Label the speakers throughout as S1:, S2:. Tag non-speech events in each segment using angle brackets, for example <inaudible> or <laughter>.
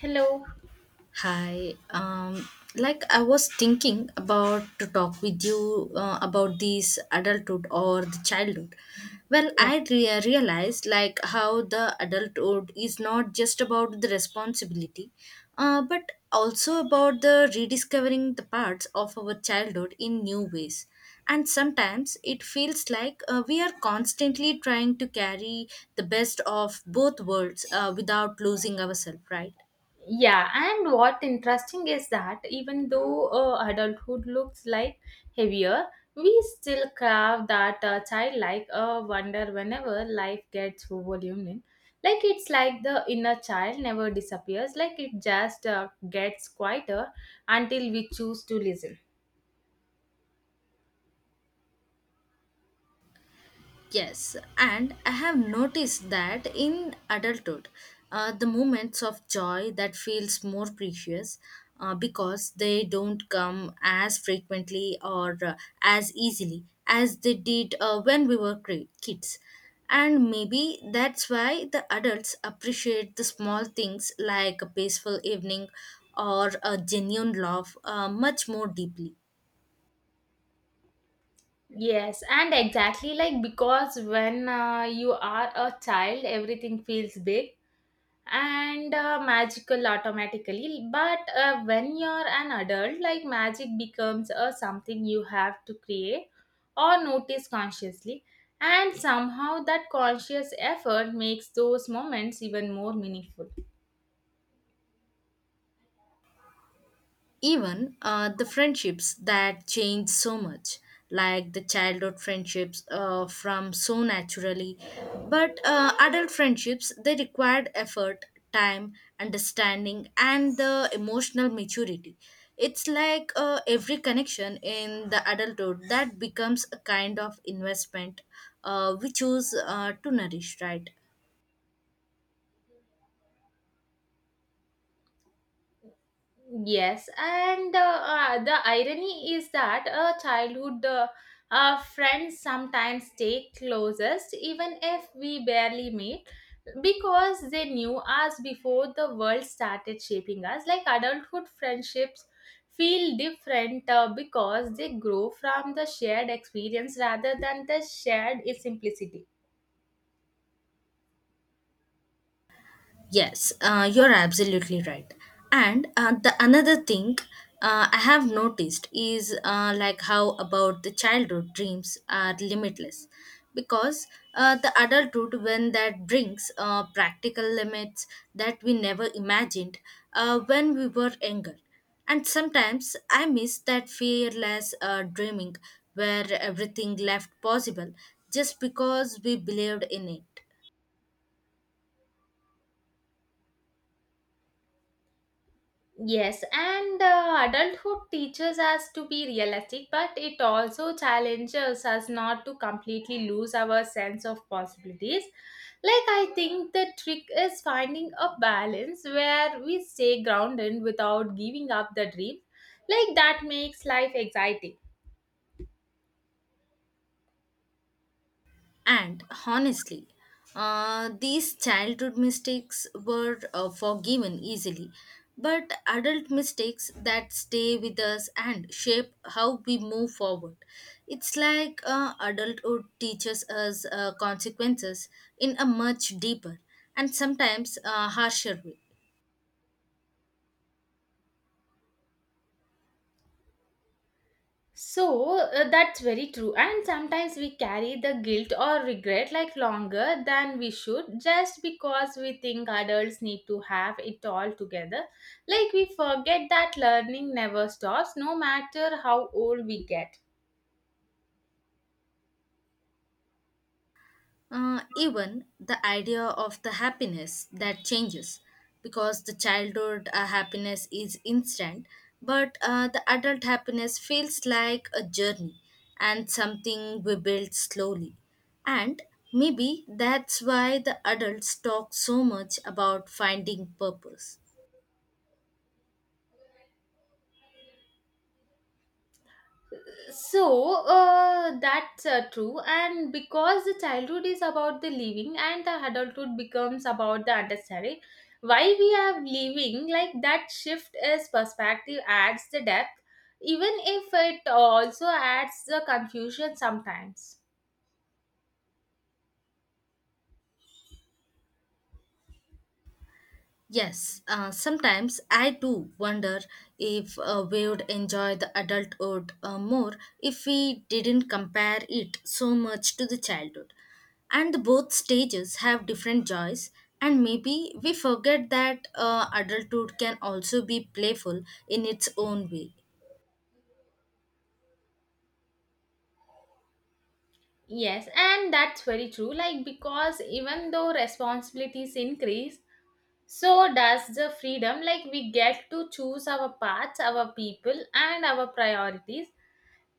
S1: Hello.
S2: Hi. Like I was thinking about to talk with you about this adulthood or the childhood. Well,
S1: Yeah.
S2: I realized like how the adulthood is not just about the responsibility, but also about the rediscovering the parts of our childhood in new ways. And sometimes it feels like we are constantly trying to carry the best of both worlds without losing ourselves, right?
S1: Yeah, and what interesting is that even though adulthood looks like heavier, we still crave that childlike wonder whenever life gets voluminous. Like it's like the inner child never disappears, like it just gets quieter until we choose to listen.
S2: Yes, and I have noticed that in adulthood, the moments of joy that feels more precious because they don't come as frequently or as easily as they did when we were kids. And maybe that's why the adults appreciate the small things like a peaceful evening or a genuine love much more deeply.
S1: Yes, and exactly like because when you are a child, everything feels big and magical automatically, but when you're an adult, like magic becomes something you have to create or notice consciously, and somehow that conscious effort makes those moments even more meaningful.
S2: Even the friendships that change so much, like the childhood friendships from so naturally, but adult friendships they required effort, time, understanding and the emotional maturity. It's like every connection in the adulthood that becomes a kind of investment we choose to nourish, right?
S1: Yes, and the irony is that childhood friends sometimes stay closest even if we barely meet, because they knew us before the world started shaping us. Like adulthood friendships feel different because they grow from the shared experience rather than the shared simplicity.
S2: Yes, you're absolutely right. And the another thing I have noticed is like how about the childhood dreams are limitless because the adulthood when that brings practical limits that we never imagined when we were younger. And sometimes I miss that fearless dreaming where everything left possible just because we believed in it.
S1: Yes, and adulthood teaches us to be realistic, but it also challenges us not to completely lose our sense of possibilities. Like, I think the trick is finding a balance where we stay grounded without giving up the dream. Like, that makes life exciting.
S2: And honestly, these childhood mistakes were forgiven easily, but adult mistakes that stay with us and shape how we move forward. It's like adulthood teaches us consequences in a much deeper and sometimes harsher way.
S1: So that's very true. And sometimes we carry the guilt or regret like longer than we should, just because we think adults need to have it all together. Like, we forget that learning never stops no matter how old we get.
S2: Even the idea of the happiness that changes because the childhood happiness is instant, but the adult happiness feels like a journey and something we build slowly, and maybe that's why the adults talk so much about finding purpose.
S1: So that's true, and because the childhood is about the living, and the adulthood becomes about the understanding. Why we are living, like that shift is perspective, adds the depth, even if it also adds the confusion sometimes.
S2: Yes, sometimes I do wonder if we would enjoy the adulthood more if we didn't compare it so much to the childhood. And both stages have different joys, and maybe we forget that adulthood can also be playful in its own way.
S1: Yes, and that's very true. Like because even though responsibilities increase, so does the freedom. Like we get to choose our paths, our people, and our priorities.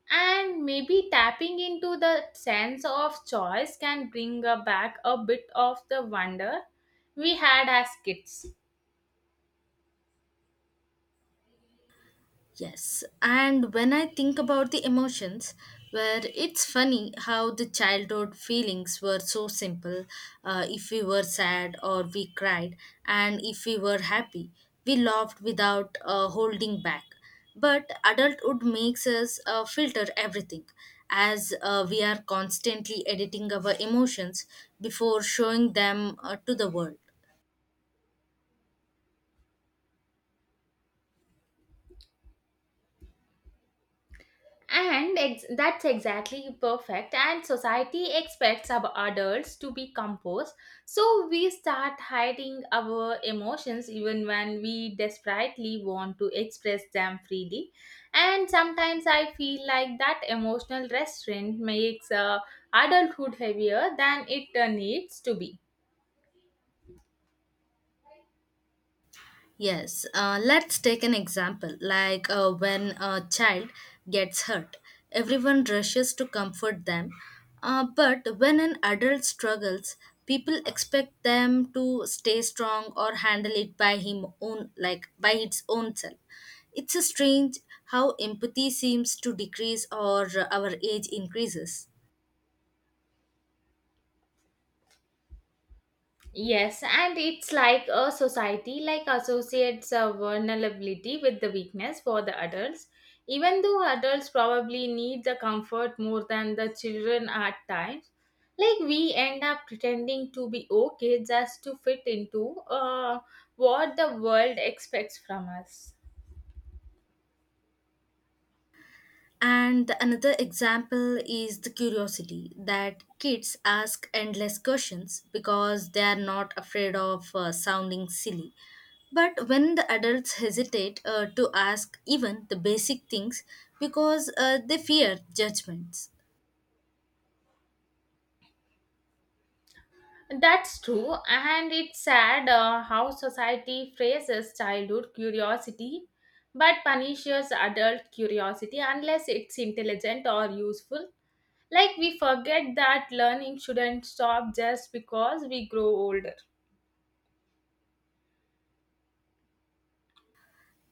S1: And maybe tapping into the sense of choice can bring back a bit of the wonder we had as kids.
S2: Yes, and when I think about the emotions, where it's funny how the childhood feelings were so simple. If we were sad or we cried, and if we were happy, we laughed without holding back. But adulthood makes us filter everything as we are constantly editing our emotions before showing them to the world.
S1: That's exactly perfect. And society expects our adults to be composed, so we start hiding our emotions even when we desperately want to express them freely. And sometimes I feel like that emotional restraint makes adulthood heavier than it needs to be.
S2: Yes, let's take an example like when a child gets hurt, everyone rushes to comfort them. But when an adult struggles, people expect them to stay strong or handle it by him own, like by its own self. It's a strange how empathy seems to decrease or our age increases.
S1: Yes, and it's like a society like associates vulnerability with the weakness for the adults, even though adults probably need the comfort more than the children at times. Like we end up pretending to be okay just to fit into what the world expects from us.
S2: And another example is the curiosity that kids ask endless questions because they are not afraid of sounding silly. But when the adults hesitate to ask even the basic things because they fear judgments.
S1: That's true, and it's sad how society phrases childhood curiosity but punishes adult curiosity unless it's intelligent or useful. Like, we forget that learning shouldn't stop just because we grow older.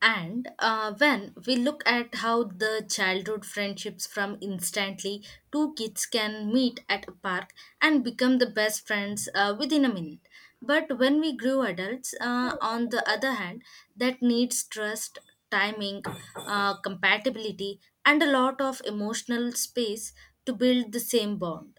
S2: And when we look at how the childhood friendships from instantly, two kids can meet at a park and become the best friends within a minute. But when we grew adults, on the other hand, that needs trust, timing, compatibility, and a lot of emotional space to build the same bond.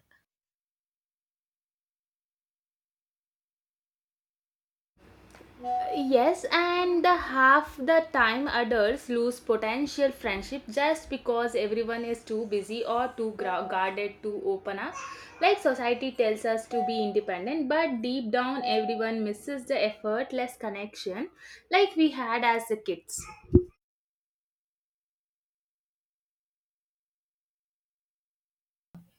S1: Yes, and the half the time adults lose potential friendship just because everyone is too busy or too guarded to open up. Like society tells us to be independent, but deep down everyone misses the effortless connection like we had as the kids.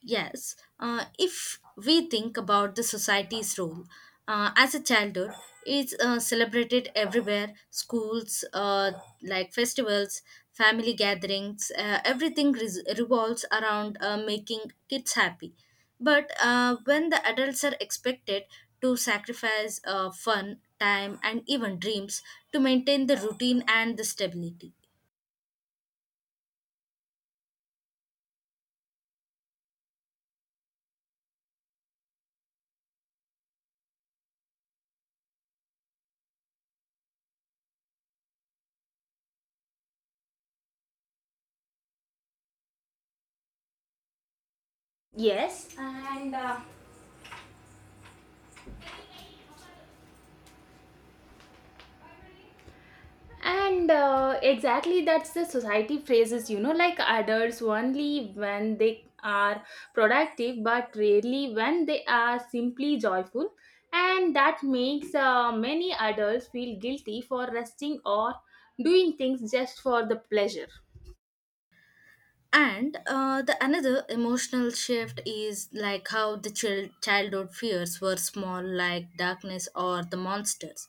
S2: Yes, if we think about the society's role, as a childhood, it's celebrated everywhere schools, like festivals, family gatherings, everything revolves around making kids happy. But when the adults are expected to sacrifice fun, time, and even dreams to maintain the routine and the stability.
S1: Yes, and exactly that's the society phrases, like adults only when they are productive, but rarely when they are simply joyful. And that makes many adults feel guilty for resting or doing things just for the pleasure.
S2: And the another emotional shift is like how the childhood fears were small, like darkness or the monsters,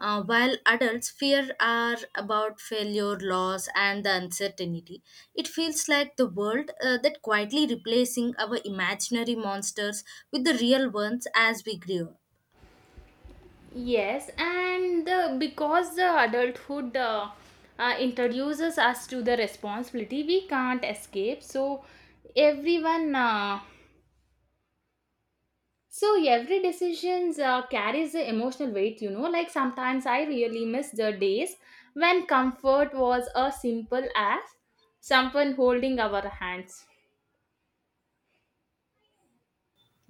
S2: while adults fear are about failure, loss and the uncertainty. It feels like the world that quietly replacing our imaginary monsters with the real ones as we grew.
S1: Yes, and because the adulthood introduces us to the responsibility we can't escape. So everyone uh, every decision carries the emotional weight, you know. Like sometimes I really miss the days when comfort was as simple as someone holding our hands.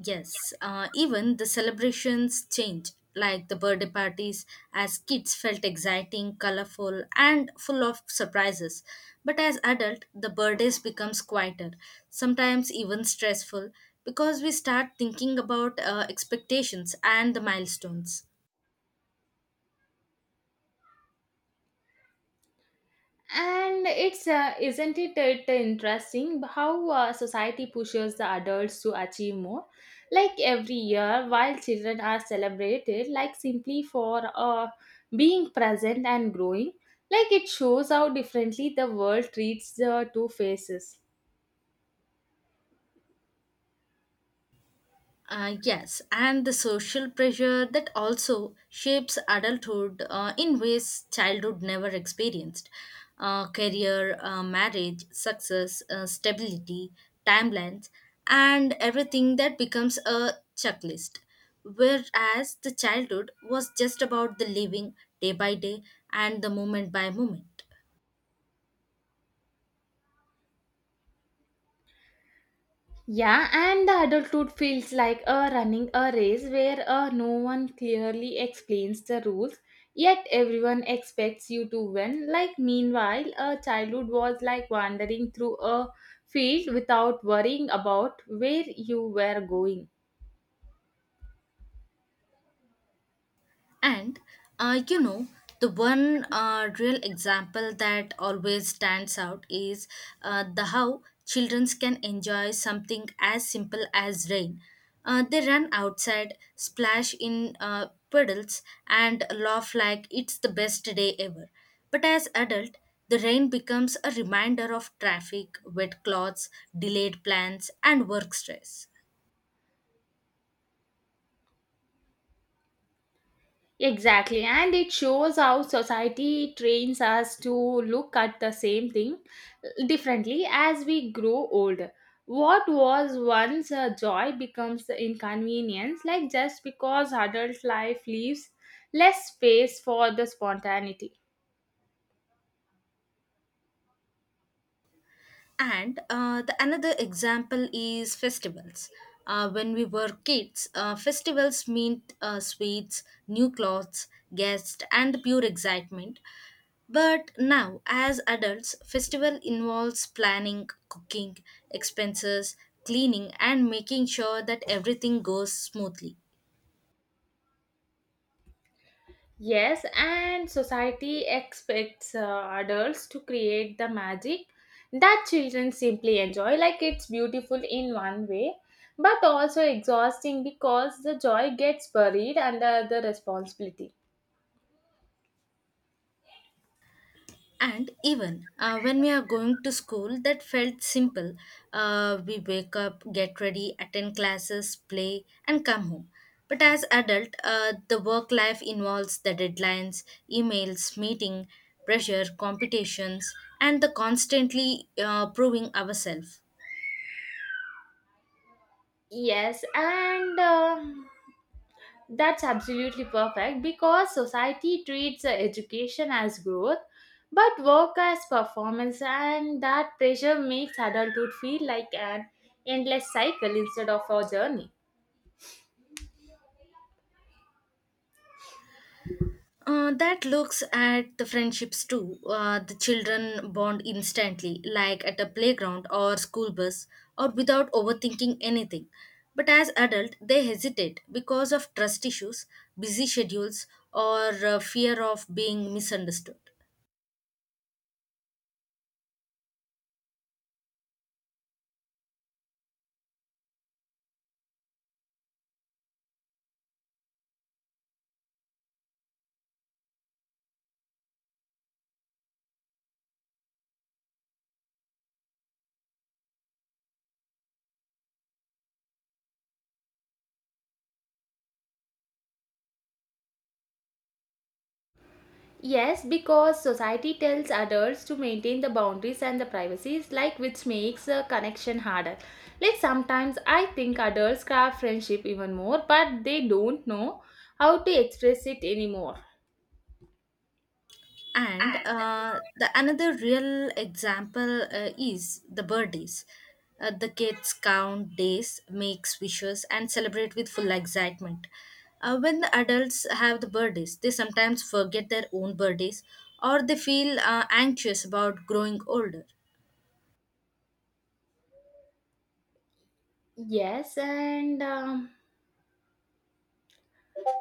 S2: Yes, even the celebrations change, like the birthday parties, as kids felt exciting, colorful, and full of surprises. But as adult, the birthdays becomes quieter, sometimes even stressful, because we start thinking about expectations and the milestones.
S1: And it's isn't it, it interesting how society pushes the adults to achieve more? Like every year, while children are celebrated, like simply for being present and growing, like it shows how differently the world treats the two faces.
S2: Yes, and the social pressure that also shapes adulthood in ways childhood never experienced. Career, marriage, success, stability, timelines, and everything that becomes a checklist. Whereas the childhood was just about the living day by day and the moment by moment.
S1: Yeah, and the adulthood feels like a running a race where no one clearly explains the rules, yet everyone expects you to win. Like, meanwhile, a childhood was like wandering through a field without worrying about where you were going.
S2: And you know, the one real example that always stands out is the how children can enjoy something as simple as rain. They run outside, splash in puddles, and laugh like it's the best day ever. But as adult, the rain becomes a reminder of traffic, wet clothes, delayed plans, and work stress.
S1: Exactly, and it shows how society trains us to look at the same thing differently as we grow older. What was once a joy becomes inconvenience, like just because adult life leaves less space for the spontaneity.
S2: And the another example is festivals. When we were kids, festivals meant sweets, new clothes, guests, and pure excitement. But now, as adults, festival involves planning, cooking, expenses, cleaning, and making sure that everything goes smoothly.
S1: Yes, and society expects adults to create the magic that children simply enjoy. Like it's beautiful in one way, but also exhausting because the joy gets buried under the responsibility.
S2: And even when we are going to school, that felt simple. We wake up, get ready, attend classes, play, and come home. But as adult, the work life involves the deadlines, emails, meeting, pressure, competitions, and the constantly proving ourselves.
S1: Yes, and that's absolutely perfect because society treats education as growth, but work as performance, and that pressure makes adulthood feel like an endless cycle instead of a journey.
S2: That looks at the friendships too. The children bond instantly, like at a playground or school bus, or without overthinking anything. But as adult, they hesitate because of trust issues, busy schedules, or fear of being misunderstood.
S1: Yes, because society tells adults to maintain the boundaries and the privacies, like which makes a connection harder. Like sometimes I think adults craft friendship even more, but they don't know how to express it anymore.
S2: And
S1: And
S2: the another real example is the birthdays. The kids count days, makes wishes and celebrate with full excitement. When the adults have the birthdays, they sometimes forget their own birthdays or they feel anxious about growing older.
S1: Yes, and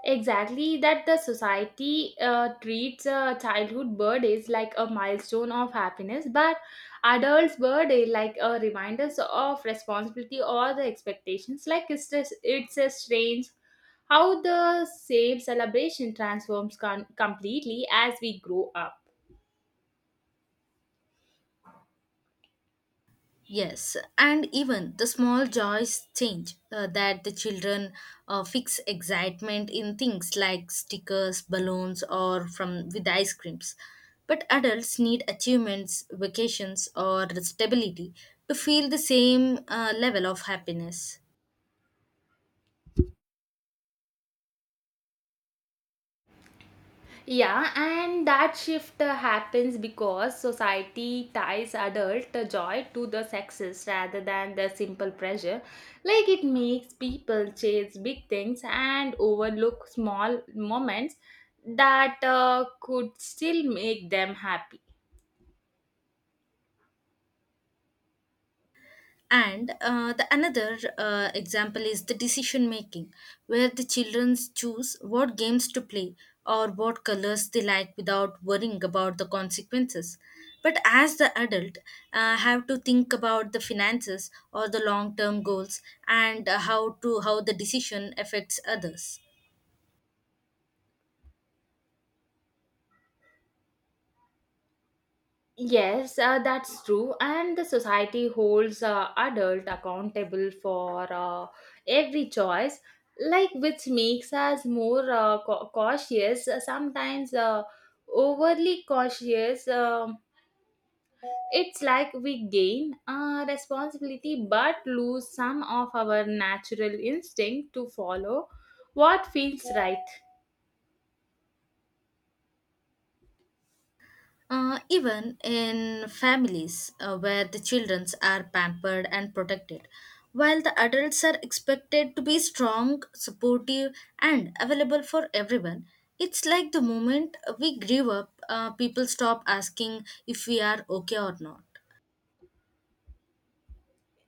S1: Exactly, that the society treats a childhood birthdays like a milestone of happiness, but adults' birthday like a reminders of responsibility or the expectations. Like it's just, it's a strange how the same celebration transforms completely as we grow up.
S2: Yes, and even the small joys change, that the children fix excitement in things like stickers, balloons, or from with ice creams. But adults need achievements, vacations, or stability to feel the same level of happiness.
S1: Yeah, and that shift happens because society ties adult joy to the sexes rather than the simple pleasure. Like it makes people chase big things and overlook small moments that could still make them happy.
S2: And the another example is the decision making, where the children choose what games to play or what colors they like without worrying about the consequences. But as the adult, have to think about the finances or the long term goals and how to how the decision affects others.
S1: Yes, that's true. And the society holds adult accountable for every choice, like which makes us more cautious. Sometimes overly cautious. It's like we gain responsibility but lose some of our natural instinct to follow what feels right.
S2: Even in families where the children are pampered and protected, while the adults are expected to be strong, supportive, and available for everyone, it's like the moment we grew up, people stop asking if we are okay or not.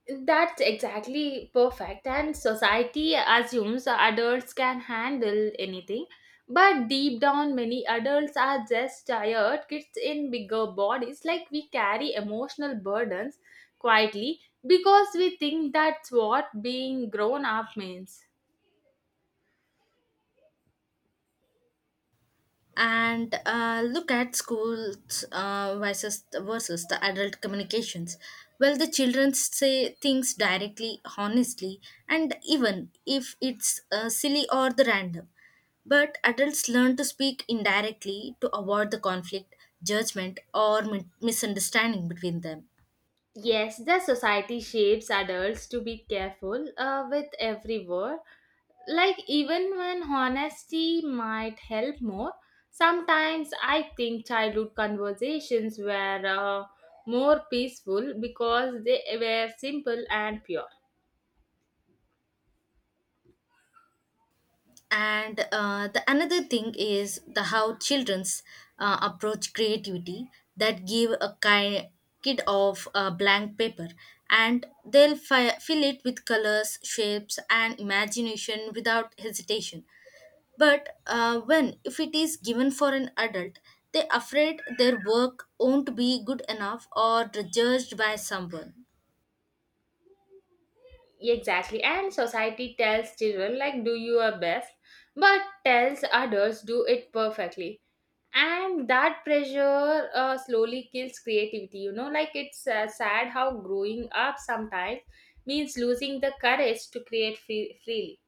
S1: That's exactly perfect. And society assumes adults can handle anything. But deep down, many adults are just tired kids in bigger bodies. Like we carry emotional burdens quietly because we think that's what being grown up means.
S2: And look at schools versus the adult communications. Well, the children say things directly, honestly, and even if it's silly or the random. But adults learn to speak indirectly to avoid the conflict, judgment, or misunderstanding between them.
S1: Yes, the society shapes adults to be careful with every word, like even when honesty might help more. Sometimes I think childhood conversations were more peaceful because they were simple and pure.
S2: And the another thing is the how children's approach creativity, that give a kind kid of a blank paper and they'll fill it with colors, shapes and imagination without hesitation. But when if it is given for an adult, they afraid their work won't be good enough or judged by someone.
S1: Exactly, and society tells children like do your best, but tells others do it perfectly, and that pressure slowly kills creativity, you know. Like it's sad how growing up sometimes means losing the courage to create freely.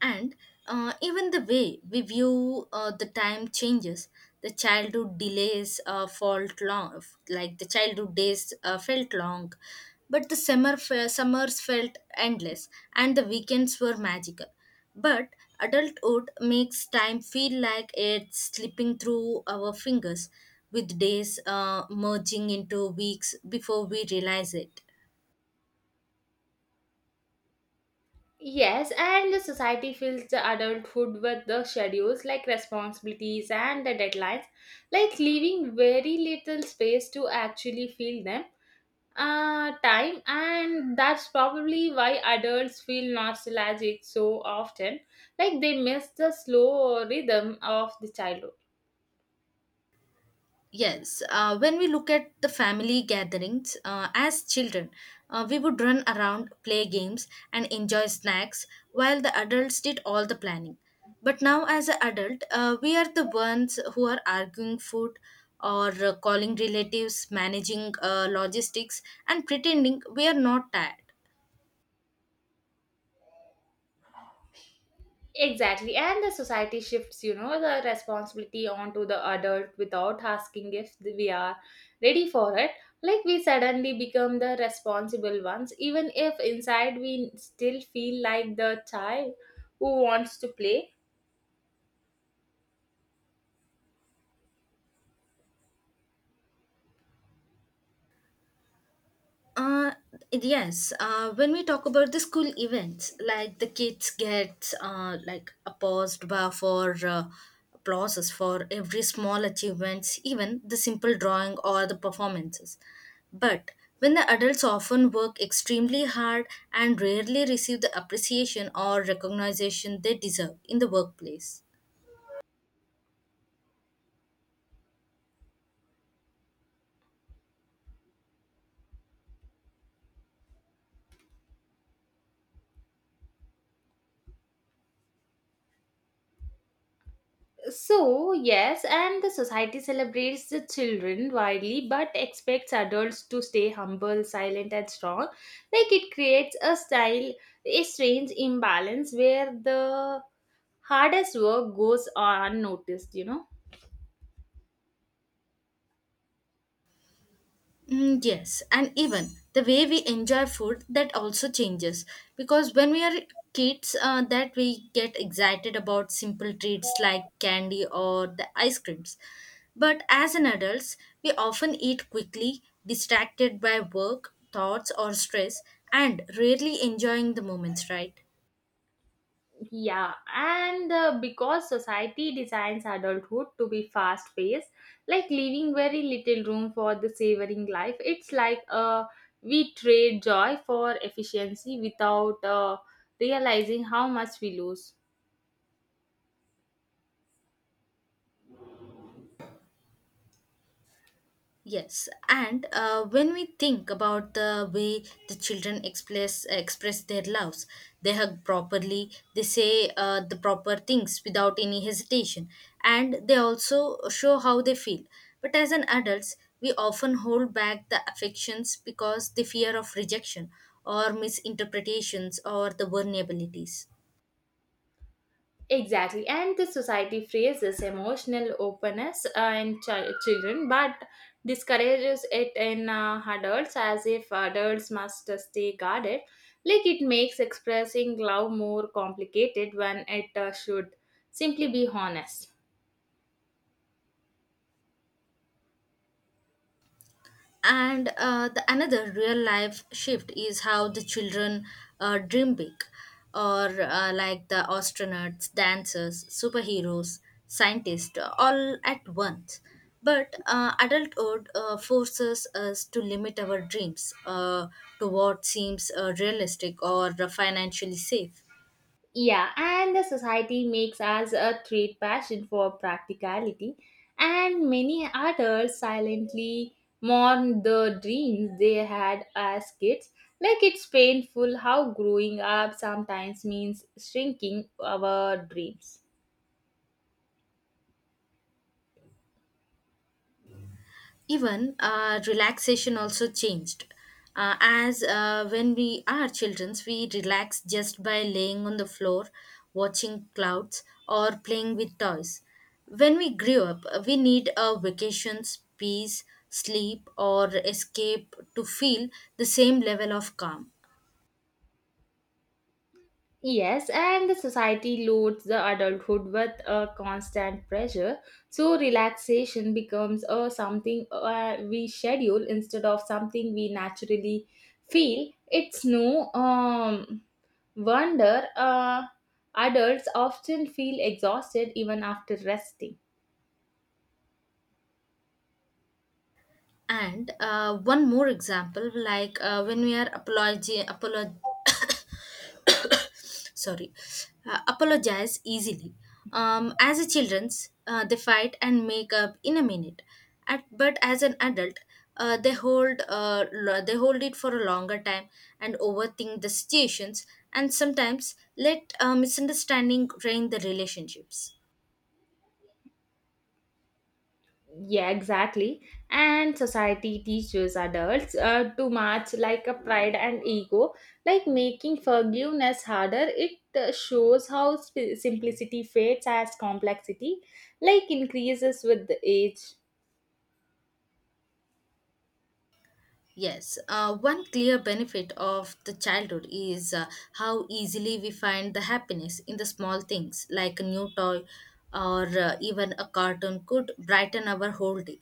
S2: And even the way we view the time changes. The childhood delays uh, felt long like the childhood days felt long, but the summers felt endless and the weekends were magical. But adulthood makes time feel like it's slipping through our fingers, with days merging into weeks before we realize it.
S1: Yes, and the society fills the adulthood with the schedules, like responsibilities and the deadlines, like leaving very little space to actually feel them. Time, and that's probably why adults feel nostalgic so often, like they miss the slow rhythm of the childhood.
S2: Yes, when we look at the family gatherings as children, we would run around, play games, and enjoy snacks while the adults did all the planning. But now, as an adult, we are the ones who are arguing food or calling relatives, managing logistics, and pretending we are not tired.
S1: Exactly, and the society shifts, you know, the responsibility onto the adult without asking if we are ready for it. Like we suddenly become the responsible ones, even if inside we still feel like the child who wants to play.
S2: Uh, yes. When we talk about the school events, like the kids get like a paused bar for applauses for every small achievements, even the simple drawing or the performances. But when the adults often work extremely hard and rarely receive the appreciation or recognition they deserve in the workplace.
S1: So, yes, and the society celebrates the children widely but expects adults to stay humble, silent, and strong. Like it creates a style, a strange imbalance where the hardest work goes unnoticed, you know.
S2: Mm, yes, and even the way we enjoy food that also changes, because when we are kids, that we get excited about simple treats like candy or the ice creams. But as an adults, we often eat quickly, distracted by work, thoughts, or stress, and rarely enjoying the moments, right?
S1: Yeah, and because society designs adulthood to be fast paced, like leaving very little room for the savoring life. It's like we trade joy for efficiency without realizing how much we lose.
S2: Yes, and when we think about the way the children express their loves, they hug properly, they say the proper things without any hesitation, and they also show how they feel. But as an adults, we often hold back the affections because the fear of rejection or misinterpretations or the vulnerabilities.
S1: Exactly, and the society praises emotional openness in children, but discourages it in adults, as if adults must stay guarded. Like it makes expressing love more complicated when it should simply be honest.
S2: And The another real life shift is how the children dream big, or like the astronauts, dancers, superheroes, scientists, all at once, but adulthood forces us to limit our dreams to what seems realistic or financially safe.
S1: Yeah, and the society makes us a trade passion for practicality, and many adults silently mourn the dreams they had as kids. Like it's painful how growing up sometimes means shrinking our dreams.
S2: Even relaxation also changed, as when we are children we relax just by laying on the floor, watching clouds or playing with toys. When we grew up, we need a vacations, peace, sleep, or escape to feel the same level of calm.
S1: Yes, and the society loads the adulthood with a constant pressure, so relaxation becomes a something we schedule instead of something we naturally feel. It's no wonder adults often feel exhausted even after resting.
S2: And one more example, like when we are <coughs> sorry, apologize easily. As a children's, they fight and make up in a minute. At, but as an adult, they hold they hold it for a longer time and overthink the situations, and sometimes let misunderstanding drain the relationships.
S1: Yeah, exactly. And society teaches adults too much, like a pride and ego, like making forgiveness harder. It shows how simplicity fades as complexity, like increases with the age.
S2: Yes, one clear benefit of the childhood is how easily we find the happiness in the small things, like a new toy or even a cartoon could brighten our whole day.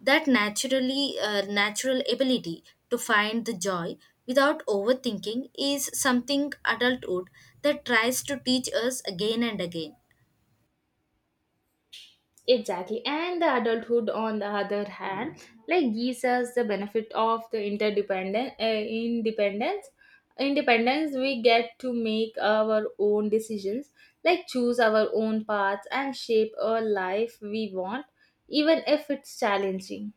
S2: That natural ability to find the joy without overthinking is something adulthood that tries to teach us again and again.
S1: Exactly. And the adulthood, on the other hand, like gives us the benefit of the interdependent independence. Independence, we get to make our own decisions, like choose our own paths and shape a life we want, even if it's challenging.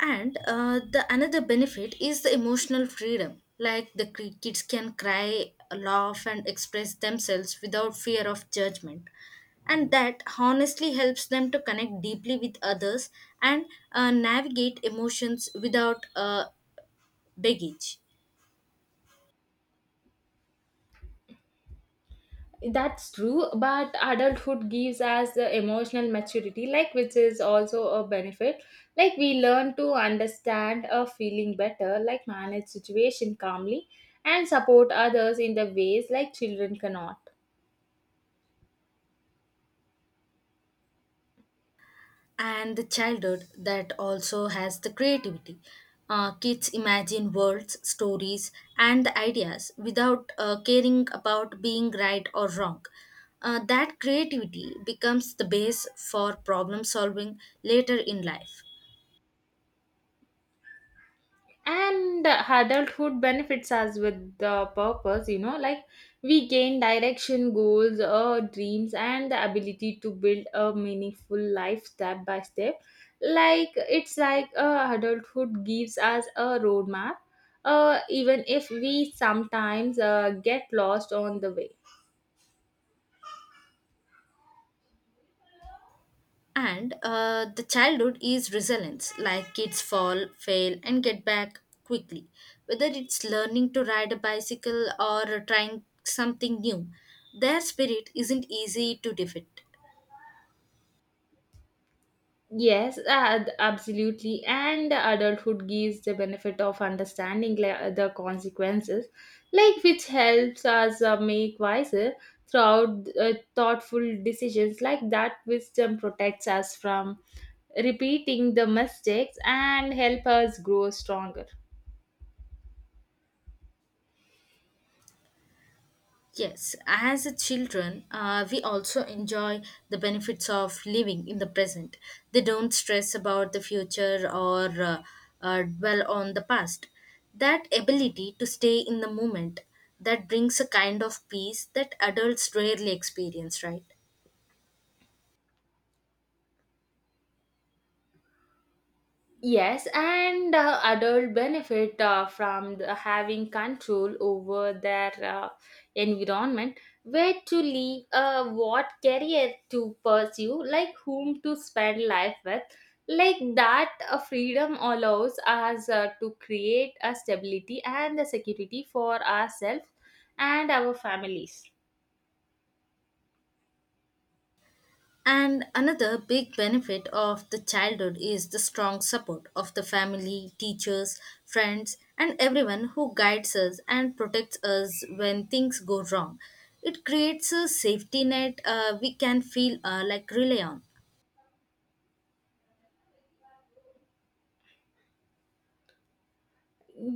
S2: And the another benefit is the emotional freedom. Like the kids can cry, laugh, and express themselves without fear of judgment. And that honestly helps them to connect deeply with others and navigate emotions without baggage.
S1: That's true, but adulthood gives us the emotional maturity, like which is also a benefit. Like we learn to understand a feeling better, like manage situation calmly, and support others in the ways like children cannot.
S2: And the childhood that also has the creativity. Kids imagine worlds, stories, and the ideas without caring about being right or wrong. That creativity becomes the base for problem solving later in life.
S1: And adulthood benefits us with the purpose, you know, like we gain direction, goals or dreams, and the ability to build a meaningful life step by step. Like it's like adulthood gives us a roadmap, even if we sometimes get lost on the way.
S2: And the childhood is resilience, like kids fall, fail, and get back quickly. Whether it's learning to ride a bicycle or trying something new, their spirit isn't easy to defeat.
S1: Yes, absolutely. And adulthood gives the benefit of understanding the consequences, like which helps us make wiser throughout thoughtful decisions. Like that wisdom protects us from repeating the mistakes and help us grow stronger.
S2: Yes, as a children, we also enjoy the benefits of living in the present. They don't stress about the future or dwell on the past. That ability to stay in the moment, that brings a kind of peace that adults rarely experience, right?
S1: Yes, and adult benefit from having control over their environment, where to live, what career to pursue, like whom to spend life with. Like that, freedom allows us to create a stability and a security for ourselves and our families.
S2: And another big benefit of the childhood is the strong support of the family, teachers, friends, and everyone who guides us and protects us when things go wrong. It creates a safety net we can feel like rely on.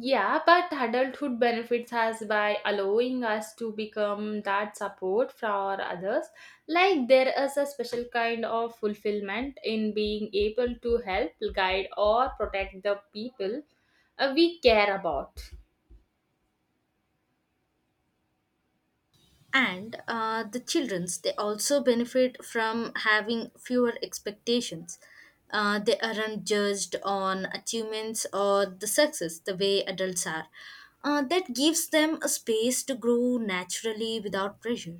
S1: Yeah, but adulthood benefits us by allowing us to become that support for others. Like there is a special kind of fulfillment in being able to help, guide, or protect the people we care about.
S2: And the childrens, they also benefit from having fewer expectations. They aren't judged on achievements or the success the way adults are. That gives them a space to grow naturally without pressure.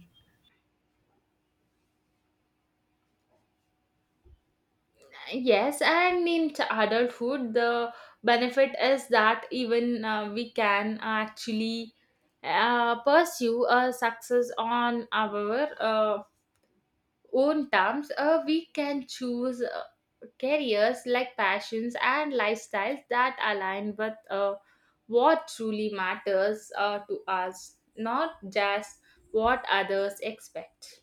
S1: Yes, and adulthood, the benefit is that even we can actually pursue a success on our own terms, we can choose careers like passions and lifestyles that align with what truly matters to us, not just what others expect.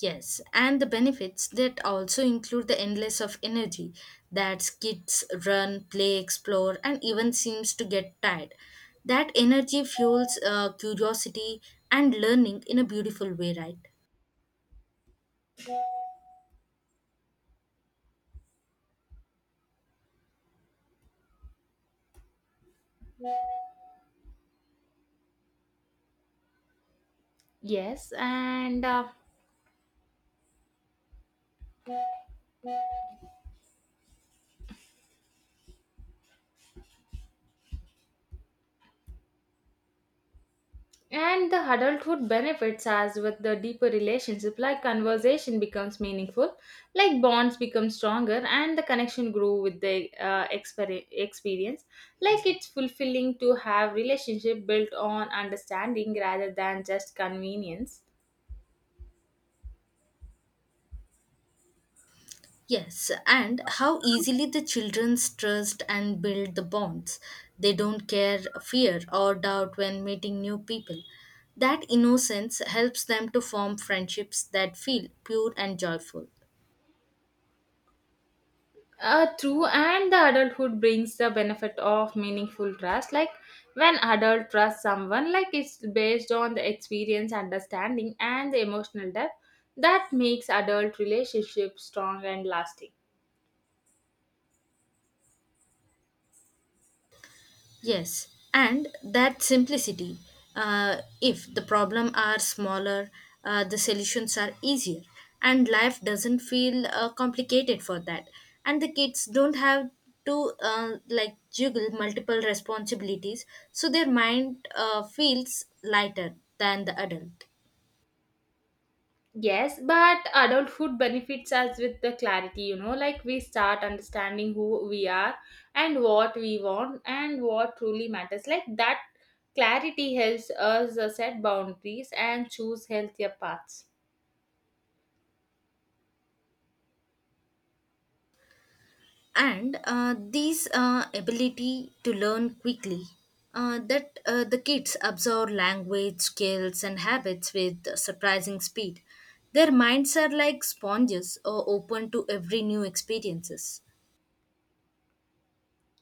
S2: Yes, and the benefits that also include the endless of energy, that kids run, play, explore, and even seems to get tired. That energy fuels curiosity and learning in a beautiful way, right?
S1: Yes, and the adulthood benefits as with the deeper relationship, like conversation becomes meaningful, like bonds become stronger, and the connection grow with the experience. Like it's fulfilling to have relationship built on understanding rather than just convenience.
S2: Yes, and how easily the children's trust and build the bonds. They don't care fear or doubt when meeting new people. That innocence helps them to form friendships that feel pure and joyful.
S1: True, and the adulthood brings the benefit of meaningful trust. Like when adult trusts someone, like it's based on the experience, understanding, and the emotional depth that makes adult relationships strong and lasting.
S2: Yes, and that simplicity. If the problem are smaller, the solutions are easier, and life doesn't feel complicated for that. And the kids don't have to like juggle multiple responsibilities, so their mind feels lighter than the adult.
S1: Yes, but adulthood benefits us with the clarity, you know, like we start understanding who we are and what we want and what truly matters. Like that clarity helps us set boundaries and choose healthier paths.
S2: And these ability to learn quickly, that the kids absorb language skills and habits with surprising speed. Their minds are like sponges, or open to every new experiences.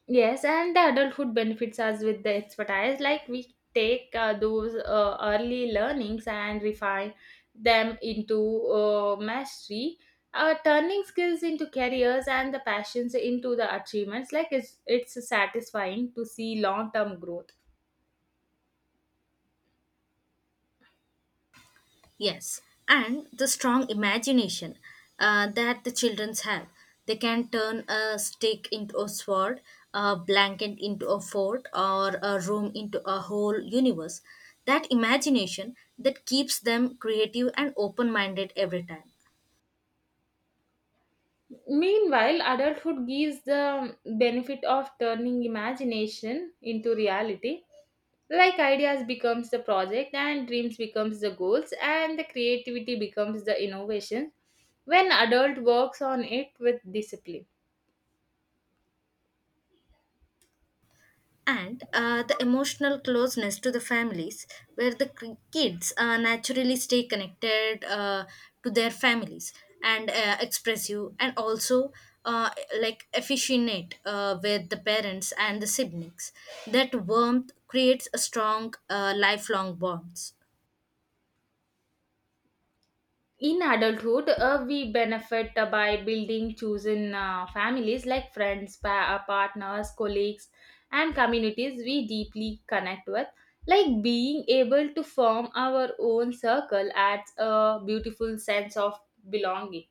S1: Yes, and the adulthood benefits us with the expertise. Like we take those early learnings and refine them into mastery, turning skills into careers and the passions into the achievements. Like it's satisfying to see long term growth.
S2: Yes, and the strong imagination that the children have. They can turn a stick into a sword, a blanket into a fort, or a room into a whole universe. That imagination that keeps them creative and open minded every time.
S1: Meanwhile, adulthood gives the benefit of turning imagination into reality. Like ideas becomes the project and dreams becomes the goals and the creativity becomes the innovation when adult works on it with discipline.
S2: And the emotional closeness to the families, where the kids naturally stay connected to their families, and expressive, and also uh, like affectionate with the parents and the siblings. That warmth creates a strong lifelong bonds.
S1: In adulthood we benefit by building chosen families like friends partners colleagues and communities we deeply connect with, like being able to form our own circle adds a beautiful sense of belonging.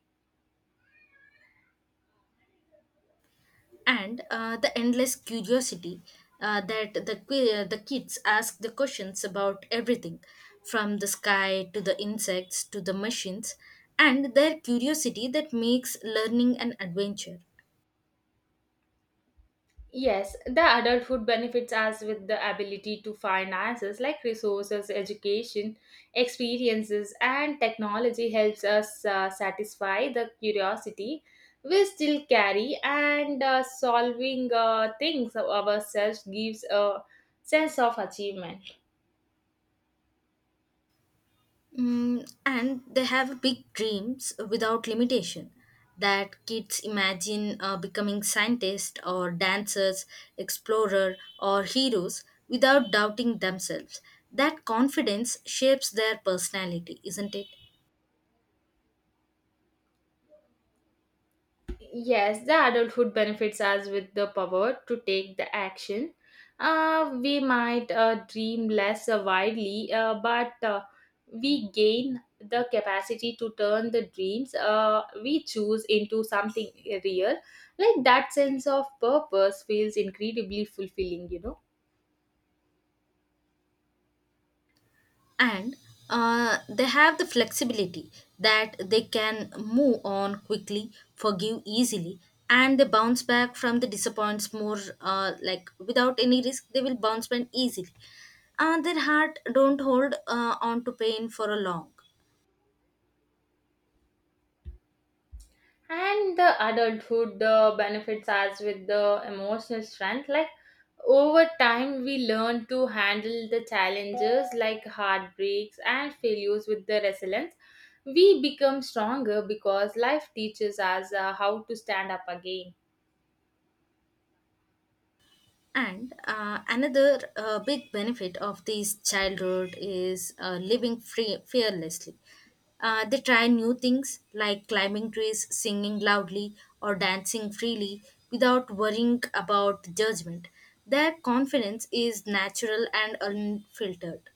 S2: And the endless curiosity, that the the kids ask the questions about everything, from the sky to the insects to the machines, and their curiosity that makes learning an adventure.
S1: Yes, the adulthood benefits us with the ability to find answers like resources, education, experiences, and technology helps us satisfy the curiosity we still carry, and solving things ourselves gives a sense of achievement.
S2: Mm, and they have big dreams without limitation, that kids imagine becoming scientists or dancers, explorer or heroes without doubting themselves. That confidence shapes their personality, isn't it?
S1: Yes, the adulthood benefits us with the power to take the action. We might dream less widely, but we gain the capacity to turn the dreams we choose into something real. Like that sense of purpose feels incredibly fulfilling, you know.
S2: And they have the flexibility, that they can move on quickly, forgive easily, and they bounce back from the disappoints more, like without any risk they will bounce back easily, and their heart don't hold on to pain for a long.
S1: And the adulthood benefits us with the emotional strength, like over time we learn to handle the challenges like heartbreaks and failures with the resilience. We become stronger because life teaches us how to stand up again.
S2: And another big benefit of this childhood is living free fearlessly. They try new things, like climbing trees, singing loudly, or dancing freely without worrying about judgment. Their confidence is natural and unfiltered.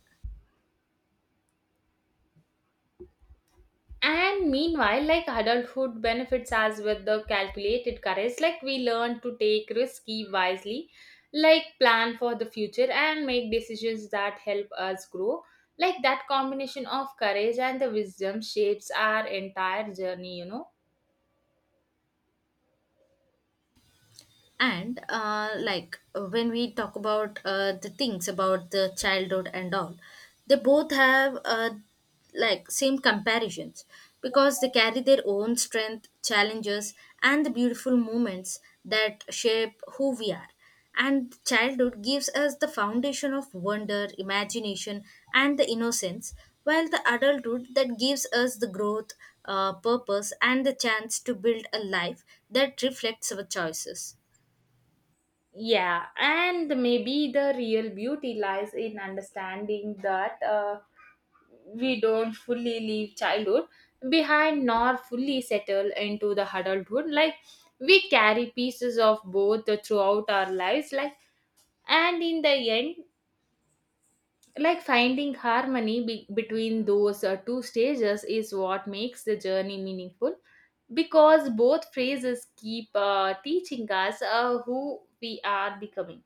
S1: And meanwhile, like adulthood benefits us with the calculated courage, like we learn to take risky wisely, like plan for the future and make decisions that help us grow. Like that combination of courage and the wisdom shapes our entire journey, you know.
S2: And when we talk about the things about the childhood and all, they both have like same comparisons, because they carry their own strength, challenges, and the beautiful moments that shape who we are. And childhood gives us the foundation of wonder, imagination, and the innocence, while the adulthood that gives us the growth, purpose, and the chance to build a life that reflects our choices.
S1: Yeah, and maybe the real beauty lies in understanding that. We don't fully leave childhood behind nor fully settle into the adulthood, like we carry pieces of both throughout our lives, like and in the end, like finding harmony between those two stages is what makes the journey meaningful, because both phases keep teaching us who we are becoming.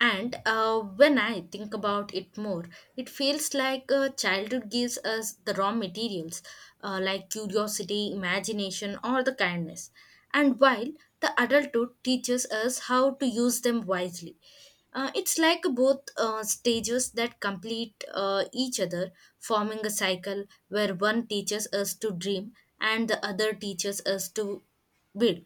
S2: And when I think about it more, it feels like childhood gives us the raw materials, like curiosity, imagination, or the kindness. And while the adulthood teaches us how to use them wisely. It's like both stages that complete each other, forming a cycle where one teaches us to dream and the other teaches us to build.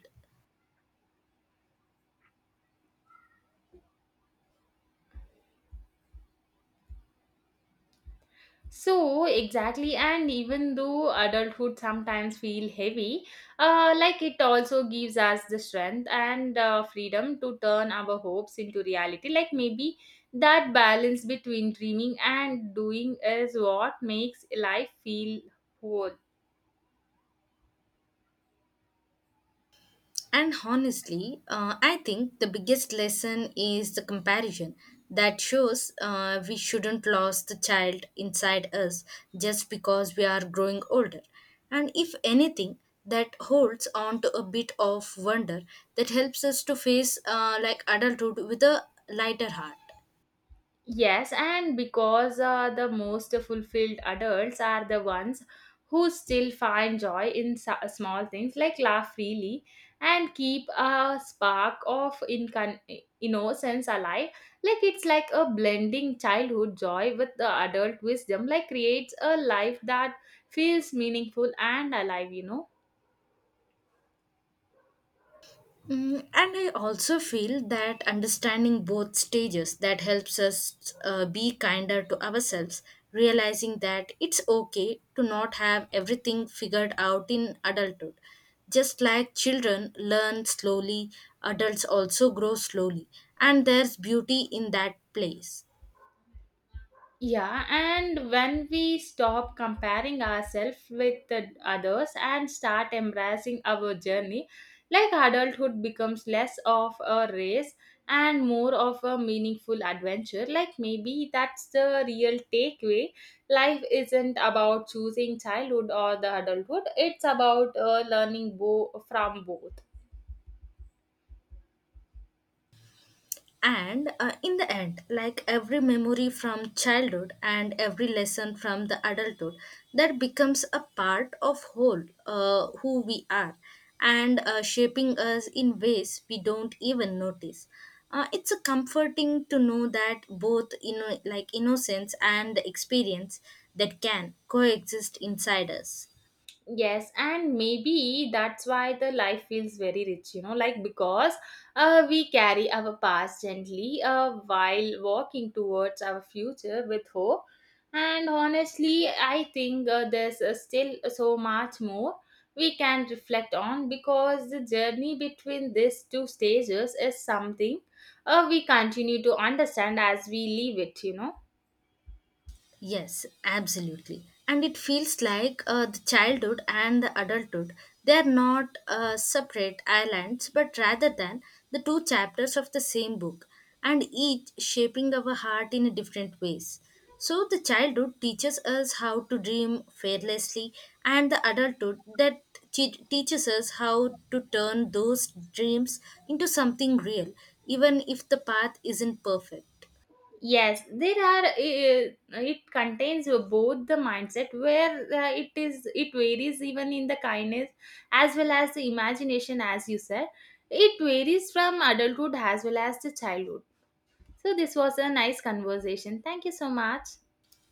S1: So exactly, and even though adulthood sometimes feel heavy, like it also gives us the strength and freedom to turn our hopes into reality. Like maybe that balance between dreaming and doing is what makes life feel whole.
S2: And honestly, I think the biggest lesson is the comparison that shows we shouldn't lose the child inside us just because we are growing older. And if anything, that holds on to a bit of wonder that helps us to face like adulthood with a lighter heart.
S1: Yes, and because the most fulfilled adults are the ones who still find joy in small things, like laugh freely and keep a spark of innocence alive. Like it's like a blending childhood joy with the adult wisdom, like creates a life that feels meaningful and alive, you know.
S2: Mm, and I also feel that understanding both stages that helps us be kinder to ourselves, realizing that it's okay to not have everything figured out in adulthood. Just like children learn slowly, adults also grow slowly, and there's beauty in that place.
S1: Yeah, and when we stop comparing ourselves with the others and start embracing our journey, like adulthood becomes less of a race and more of a meaningful adventure. Like maybe that's the real takeaway. Life isn't about choosing childhood or the adulthood, it's about learning from both.
S2: And in the end, like every memory from childhood and every lesson from the adulthood, that becomes a part of whole who we are, and shaping us in ways we don't even notice. It's a comforting to know that both, you know, like innocence and experience that can coexist inside us.
S1: Yes, and maybe that's why the life feels very rich, you know, like because we carry our past gently while walking towards our future with hope. And honestly, I think there's still so much more we can reflect on, because the journey between these two stages is something we continue to understand as we leave it, you know.
S2: Yes, absolutely. And it feels like the childhood and the adulthood, they are not separate islands, but rather than the two chapters of the same book, and each shaping our heart in different ways. So the childhood teaches us how to dream fearlessly, and the adulthood that teaches us how to turn those dreams into something real, even if the path isn't perfect.
S1: Yes, there are. It contains both the mindset where it is. It varies even in the kindness as well as the imagination, as you said. It varies from adulthood as well as the childhood. So this was a nice conversation. Thank you so much.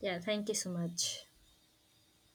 S2: Yeah, thank you so much.